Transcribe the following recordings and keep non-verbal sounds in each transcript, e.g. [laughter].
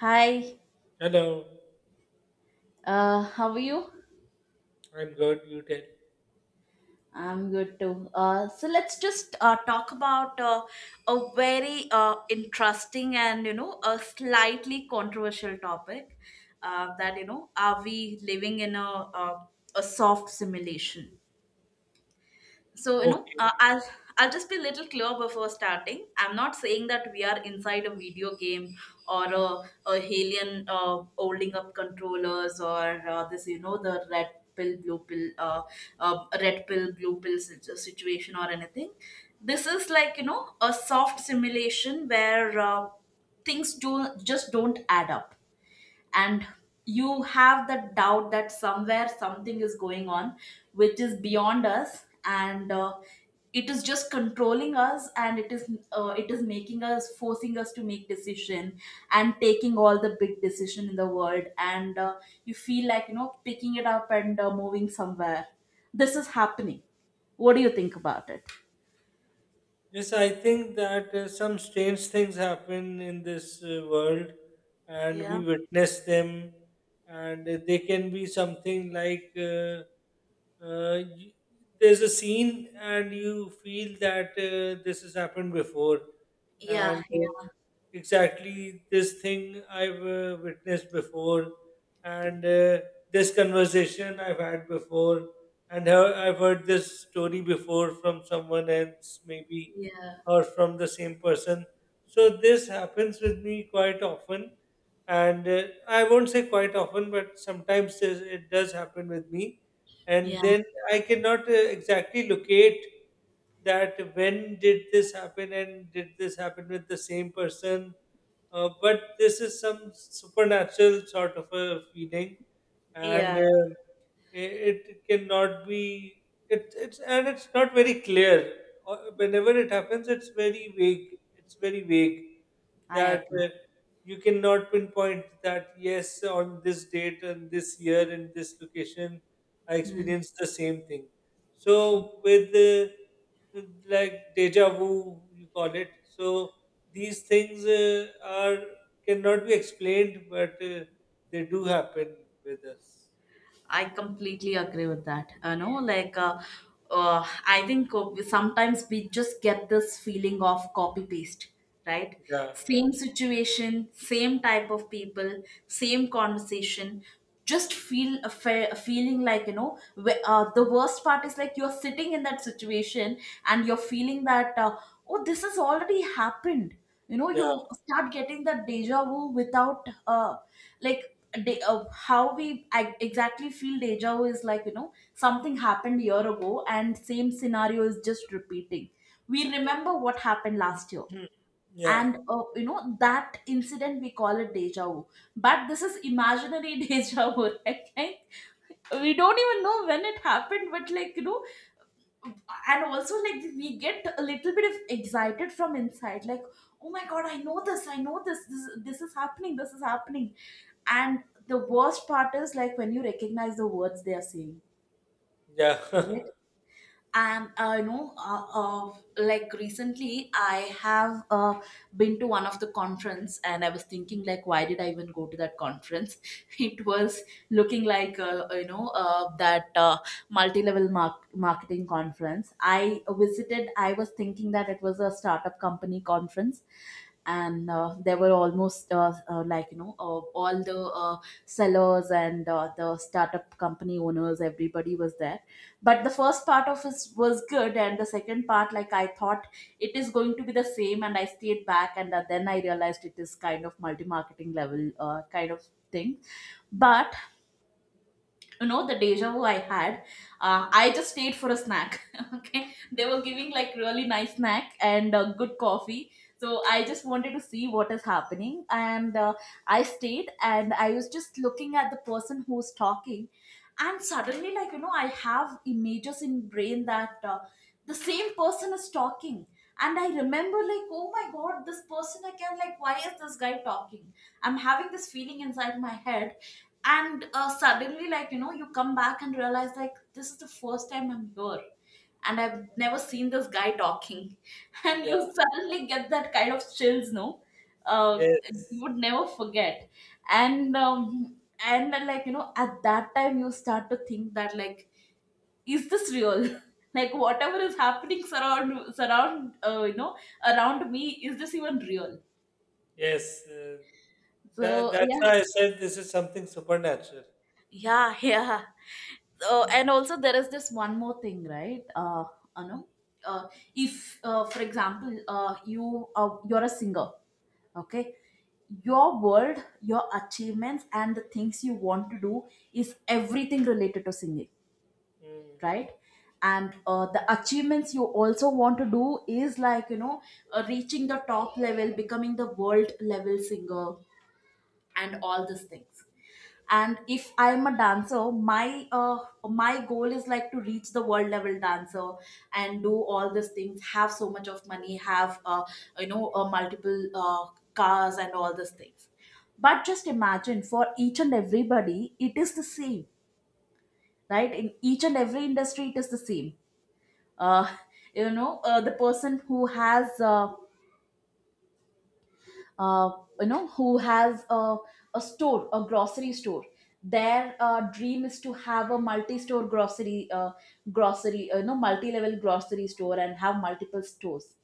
Hi, Hello, how are you? I'm good. You tell. I'm good too. So let's just talk about a very interesting and a slightly controversial topic. That, are we living in a, a soft simulation? So Okay. I'll just be a little clear before starting. I'm not saying that we are inside a video game, or a alien holding up controllers, or this you know the red pill blue pill situation or anything. This is like, a soft simulation where things do just don't add up, and you have that doubt that somewhere something is going on which is beyond us. And it is just controlling us, and it is making us, forcing us to make decision and taking all the big decision in the world. And you feel like, picking it up and moving somewhere. This is happening. What do you think about it? Yes, I think that some strange things happen in this world, and we witness them, and they can be something like y there's a scene, and you feel that this has happened before, Yeah, and yeah, exactly this thing I've witnessed before, and this conversation I've had before, and how I've heard this story before from someone else, maybe, yeah, or from the same person. So this happens with me quite often, and I won't say quite often, but sometimes it does happen with me, yeah, and then I cannot exactly locate that when did this happen and did this happen with the same person. But this is some supernatural sort of a feeling, and yeah. It's not very clear. Whenever it happens it's very vague, it's very vague, I that agree. You cannot pinpoint that yes, on this date and this year and this location I experienced the same thing. So with uh, with like deja vu, you call it. So these things are cannot be explained, but they do happen with us. I completely agree with that. Like, I think sometimes we just get this feeling of copy paste, right? Yeah, yeah. Same situation, same type of people, same conversation. Just feel a fair, feeling like, the worst part is like you're sitting in that situation and you're feeling that oh, this has already happened. Yeah, You start getting that deja vu without, like de- how we I exactly feel deja vu is like, something happened a year ago and same scenario is just repeating. We remember what happened last year, [clears throat] yeah, and that incident we call it deja vu. But this is imaginary [laughs] deja vu, right? [laughs] We don't even know when it happened, but like, and also like we get a little bit of excited from inside, like oh my god I know this, I know this. This is happening, this is happening. And the worst part is like when you recognize the words they are saying. yeah, [laughs] And like recently I have been to one of the conference, and I was thinking like why did I even go to that conference. [laughs] It was looking like, that multi-level marketing conference I visited. I was thinking that it was a startup company conference. And there were almost, all the uh, sellers and the startup company owners, everybody was there. But the first part of it was good, and the second part, like, I thought it is going to be the same, and I stayed back. And then I realized it is kind of multi-marketing level kind of thing. But the deja vu I had, I just stayed for a snack. [laughs] Okay, they were giving like really nice snack and good coffee, so I just wanted to see what is happening. And I stayed, and I was just looking at the person who's talking. And suddenly, like, I have images in brain that the same person is talking. And I remember like, oh my god this person again, like why is this guy talking. I'm having this feeling inside my head. And suddenly, like, you come back and realize like this is the first time I'm here, and I've never seen this guy talking. [laughs] And you yeah. suddenly get that kind of chills, no? uh, you Yes, would never forget. And and then, like, at that time you start to think that, like, is this real? [laughs] Like whatever is happening surround surround you know around me, is this even real? yes. That, So that's yeah. why I said this is something supernatural. Yeah, yeah. And also there is this one more thing, right? Anu uh, if, for example, you're a singer, okay? Your world, your achievements and the things you want to do is everything related to singing, Mm, right? And the achievements you also want to do is like, reaching the top level, becoming the world level singer, and all these things. And if I'm a dancer, my goal is like to reach the world level dancer and do all these things, have so much of money, have multiple cars and all these things. But just imagine, for each and everybody it is the same, right? In each and every industry it is the same. uh, the person who has, uh, who has a store, a grocery store, their dream is to have a multi-store grocery, multi-level grocery store, and have multiple stores.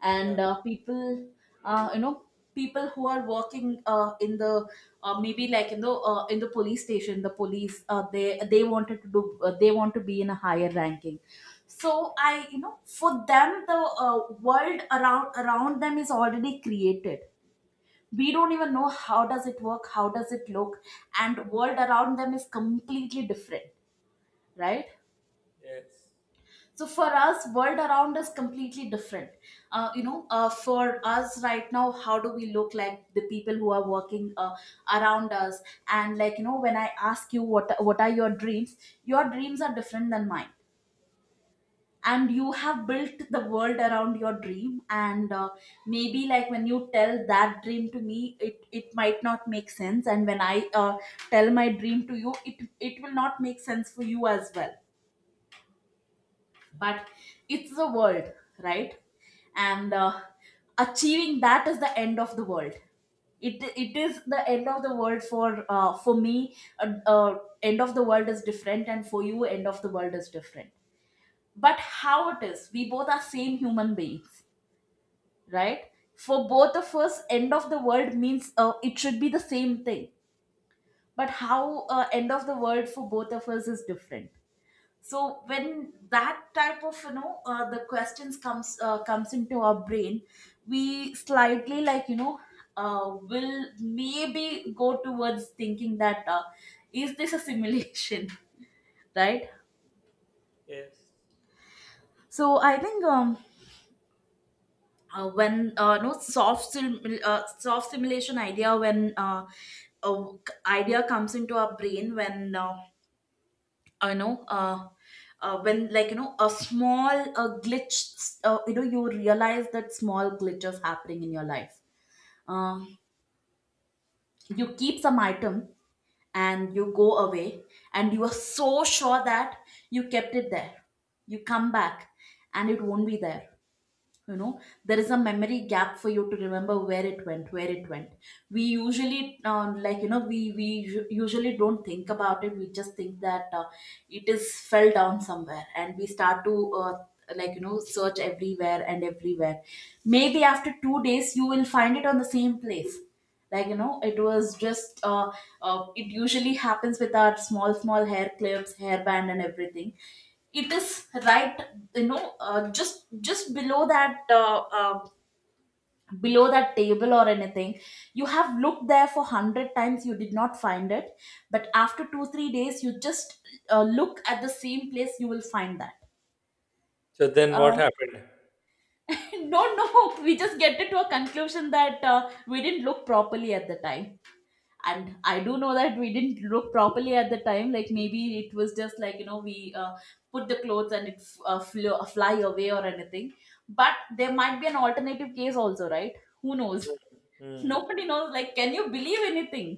And yeah. People, uh, you know people who are working, in the maybe like in the, police station, the police, they wanted to do, they want to be in a higher ranking. So I, for them the uh, world around them is already created. We don't even know how does it work, how does it look. And world around them is completely different, right? Yes. So for us, world around us completely different. For us right now, how do we look like the people who are working around us. And like, when I ask you what are your dreams, your dreams are different than mine, and you Yes. have built the world around your dream. And maybe like when you tell that dream to me, it might not make sense, and when I tell my dream to you, it will not make sense for you as well. But it's the world, right? And achieving that is the end of the world. It is the end of the world for, me. End of the world is different, and for you end of the world is different. But how it is, we both are same human beings, right? For both of us end of the world means it should be the same thing. But how, end of the world for both of us is different. So when that type of, the questions comes into our brain, we slightly, like, will maybe go towards thinking that, is this a simulation? [laughs] Right? Yes. So I think, when, no soft soft simulation idea, when, a idea comes into our brain, when, uh, you know uh, when like, a small glitch, you realize that small glitch is happening in your life. uh, you keep some item and you go away, and you are so sure that you kept it there. You come back, and it won't be there. There is a memory gap for you to remember where it went, where it went. We usually, like, usually don't think about it, we just think that it is fell down somewhere, and we start to, like, search everywhere and everywhere. Maybe after 2 days you will find it on the same place, like, it was just, it usually happens with our small small hair clips, hairband and everything. It is, right? Just below that, below that table or anything, you have looked there for 100 times, you did not find it. But after 2 3 days you just look at the same place, you will find that. So then, uh, what happened? [laughs] no, no, we just get to a conclusion that we didn't look properly at the time. And I do know that we didn't look properly at the time, like maybe it was just, like, we put the clothes and it flew, fly away or anything. But there might be an alternative case also, right? Who knows. [laughs] Mm. Nobody knows, like can you believe anything?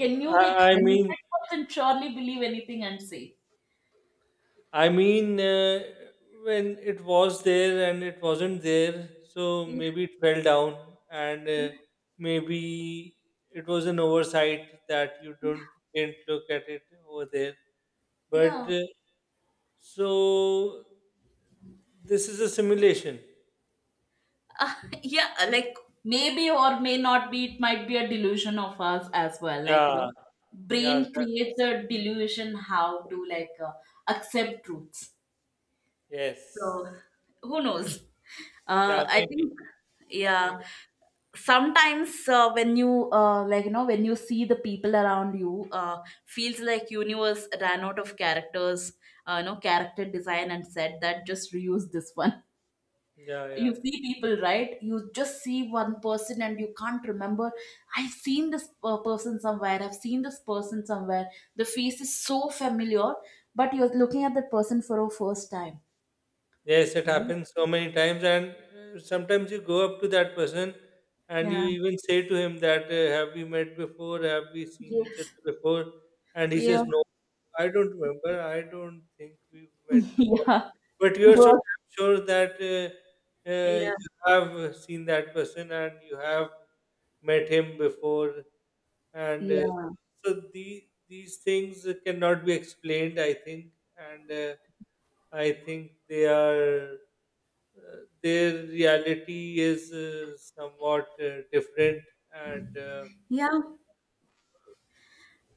Mm. you, I, like, I mean, 100% surely believe anything and say I mean, uh, when it was there and it wasn't there, so yeah? maybe it fell down, and maybe it was an oversight that you don't didn't look at it over there. Yeah. But so this is a simulation. [laughs] Uh, yeah, like maybe or may not be, it might be a delusion of us as well. Like, Yeah, yeah, brain that, creates a delusion how to like accept truths. So yes, who knows? Yeah, I maybe, think, yeah, maybe, sometimes when you like when you see the people around you, feels like universe ran out of characters, character design and said that just reuse this one. yeah, yeah, You see yeah. people, right? You just see one person and you can't remember. I've seen this person somewhere, I've seen this person somewhere, the face is so familiar, but you're looking at that person for a first time, Yes, it right? happens so many times, and sometimes you go up to that person and you Yeah. even say to him that have we met before? Have we seen each Yes. other before? And he Yeah. says, "No, I don't remember. I don't think we've met [laughs] before." Yeah. But you're so Well, damn sure that yeah, you have seen that person and you have met him before, and yeah, so the these things cannot be explained, I think, and I think they are, uh, their reality is somewhat different, and yeah.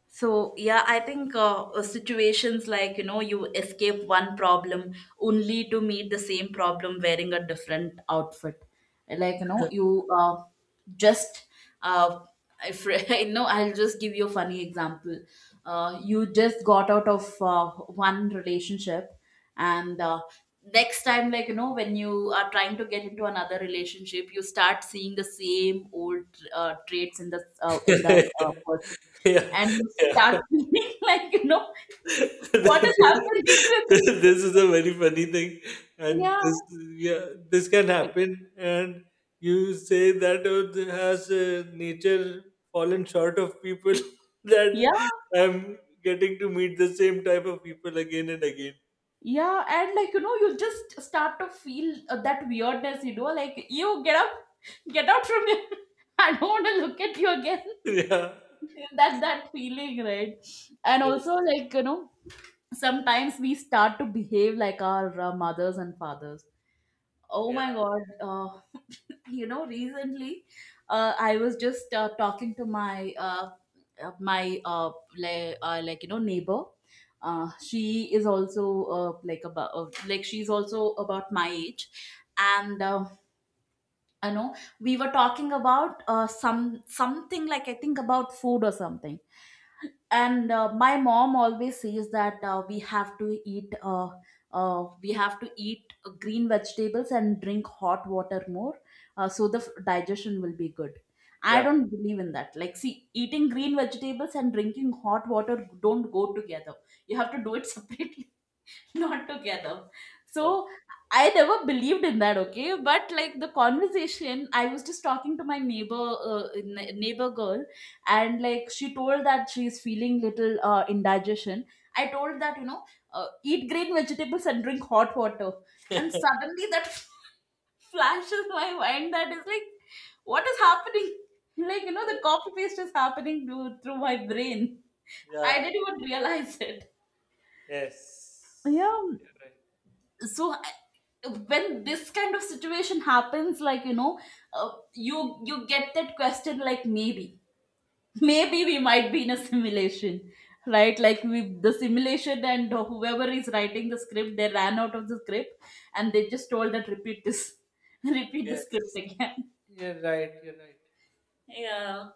So, yeah, I think situations like, you escape one problem only to meet the same problem wearing a different outfit. Like, you just, uh, if, [laughs] I know, I'll just give you a funny example. You just got out of one relationship, and next time, like, when you are trying to get into another relationship, you start seeing the same old traits in the [laughs] in that yeah, person, and you start yeah. [laughs] feeling like, [laughs] what This is happening [laughs] with me? is a very funny thing, and Yeah, this, yeah, this can happen, and you say that, oh, has nature fallen short of people [laughs] yeah, that I'm getting to meet the same type of people again and again. yeah, and like you just start to feel that weirdness, like, you get up, get out from here. [laughs] I don't want to look at you again. [laughs] Yeah. [laughs] That feeling, right? And also, Yes, like, sometimes we start to behave like our mothers and fathers. Oh my yeah, god. [laughs] You know, recently I was just talking to my uh, my uh, like, neighbor. She is also like, about like, she's also about my age. And I know we were talking about something, like, I think about food or something. And my mom always says that we have to eat green vegetables and drink hot water more, so the digestion will be good. I yeah. don't believe in that. Like, see, eating green vegetables and drinking hot water don't go together. You have to do it [laughs] separately, [laughs] not together. So Okay. I never believed in that, okay? But like the conversation, I was just talking to my neighbor, neighbor girl, and like, she told that she's feeling little indigestion. I told that, eat green vegetables and drink hot water, and suddenly that [laughs] flashes my mind, that is like, what is happening? Like, the Yeah, copy paste is happening through my brain. I yeah. didn't even realize it. Yes, Yeah, you're right. so when this kind of situation happens, like, you get that question like, maybe [laughs] maybe we might be in a simulation, right? Like, we the simulation, and whoever is writing the script, they ran out of the script and they just told that repeat this. [laughs] Repeat the script Yes, again. you're right, you're right. Yeah.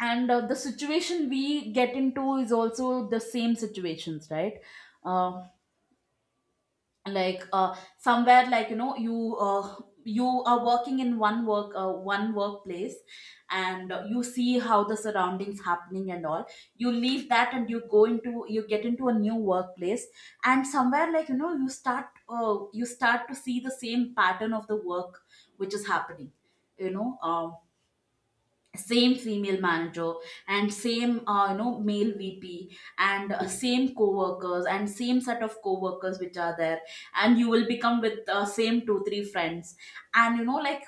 And the situation we get into is also the same situations, right? uh, like, somewhere, like, you you are working in one workplace. And you see how the surroundings happening and all. You leave that, and you get into a new workplace, and somewhere, like, you start to see the same pattern of the work which is happening, you know, same female manager, and same male vp, and same co-workers, and same set of co-workers which are there. And you will become with same two three friends. And you know, like,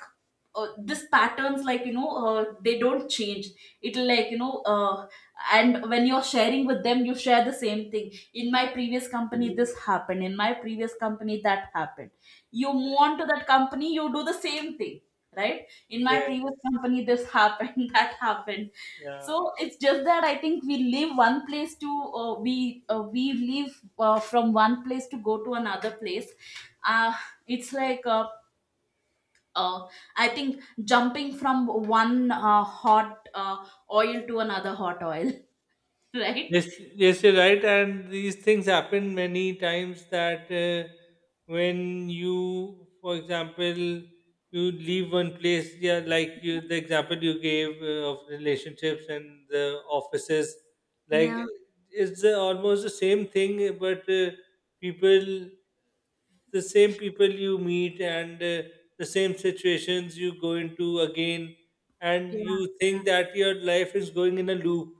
this patterns, like, they don't change. It'll like you know And when you're sharing with them, you share the same thing. In my previous company this happened, in my previous company that happened. You move on to that company, you do the same thing. Right? In my previous Yes, company this happened, [laughs] that happened. yeah. So it's just that I think we leave one place to, we leave, from one place to go to another place. uh, it's like, uh, I think jumping from one hot oil to another hot oil, [laughs] right? Yes, yes, you're right. And these things happen many times that when you, for example, you leave one place, yeah, like you, the example you gave of relationships and the offices, like Yeah, it's almost the same thing, but people, the same people you meet and the same situations you go into again, and you yeah, think that your life is going in a loop,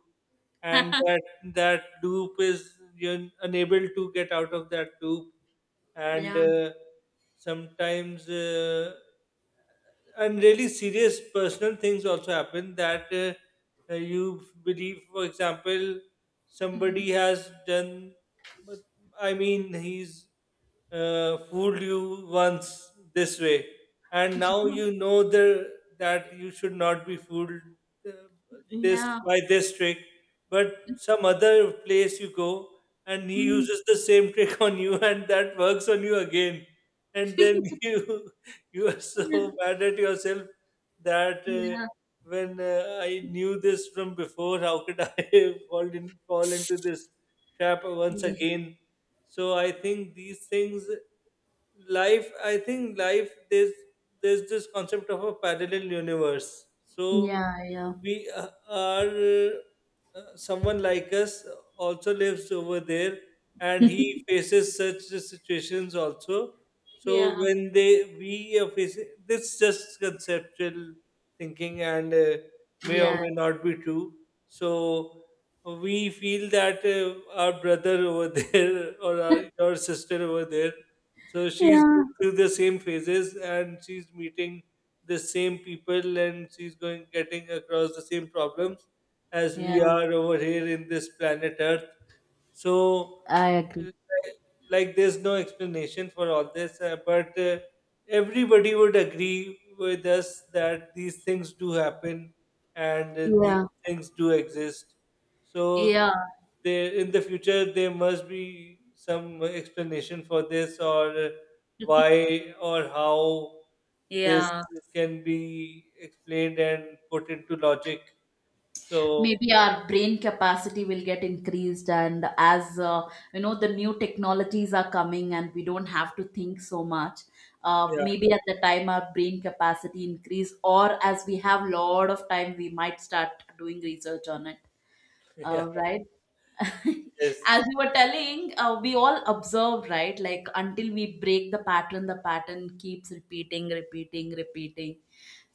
and that, that loop is, you're unable to get out of that loop, and yeah, sometimes and really serious personal things also happen, that you believe, for example, somebody has done, but I mean, he's fooled you once this way, and now you know the, that you should not be fooled uh, yeah, this yeah. by this trick, but some other place you go, and he Mm. uses the same [laughs] trick on you, and that works on you again, [laughs] and Yeah, then [laughs] you are so [laughs] mad at yourself that yeah, when I knew this from before, how could I [laughs] fall in, fall into this trap once yeah, again? So I think these things, life. I think life. There's this concept of a parallel universe. So yeah, yeah, we are, someone like us also lives over there, and he faces such situations also. So when they, we are facing this, just conceptual thinking, and yeah, may or yeah, may not be true. So we feel that our brother over [laughs] there, or our, your sister over there, so she's yeah. going through the same phases, and she's meeting the same people, and she's going, getting across the same problems as we Yeah. are over here in this planet Earth. So, I agree. like, there's no explanation for all this, but everybody would agree with us that these things do happen, and these Yeah, things do exist. So yeah, there, in the future, there must be some explanation for this, or why or how this yeah. can be explained and put into logic. So Maybe our brain capacity will get increased, and as you know, the new technologies are coming and we don't have to think so much. Yeah. Maybe at the time our brain capacity increase, or as we have lot of time, we might start doing research on it, [laughs] Yeah, right? [laughs] yes, As you were telling, we all observe, right? Like, until we break the pattern keeps repeating, repeating, repeating.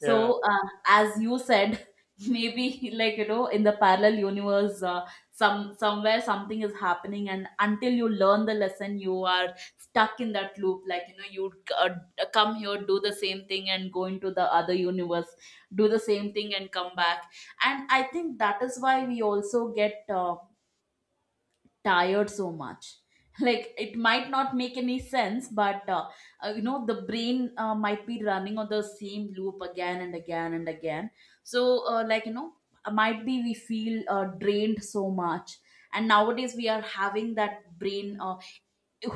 yeah. As you said, [laughs] maybe, like, in the parallel universe, somewhere something is happening, and until you learn the lesson, you are stuck in that loop. Like, you uh, come here, do the same thing, and go into the other universe, do the same thing, and come back. And I think that is why we also get tired so much. [laughs] Like, it might not make any sense, but you know, the brain might be running on the same loop again and again and again. So like, might be we feel drained so much. And nowadays we are having that brain,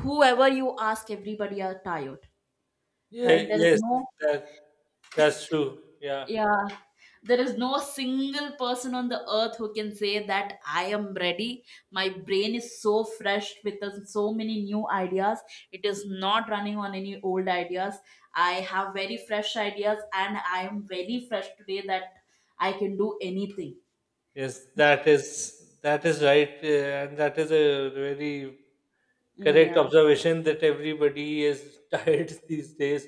whoever you ask, everybody are tired, Yeah, right? There is yes, no— that, that's true. Yeah, Yeah, there is no single person on the earth who can say that I am ready. My brain is so fresh with so many new ideas. It is not running on any old ideas. I have very fresh ideas and I am very fresh today that I can do anything. yes, that is, that is right, and that is a very correct Yeah. observation that everybody is [laughs] tired these days,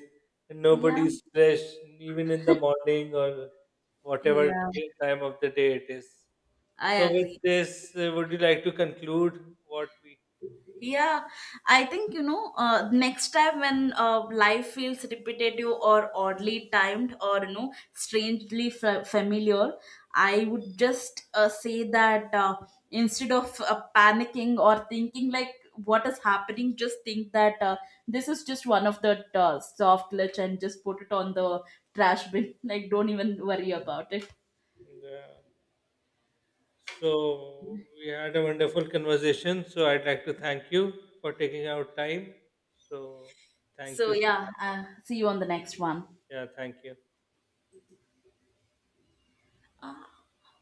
and Yeah. nobody's fresh, even in the morning or whatever Yeah. time of the day it is. I So, with agree. this, would you like to conclude what we? Yeah, I think, next time, when life feels repetitive or oddly timed or, strangely familiar, I would just say that, instead of panicking or thinking like, what is happening, just think that this is just one of the soft glitch and just put it on the trash bin. [laughs] Like, don't even worry about it. Yeah. So we had a wonderful conversation. So I'd like to thank you for taking out time. So thank So, you so yeah, much. See you on the next one. Yeah, thank you.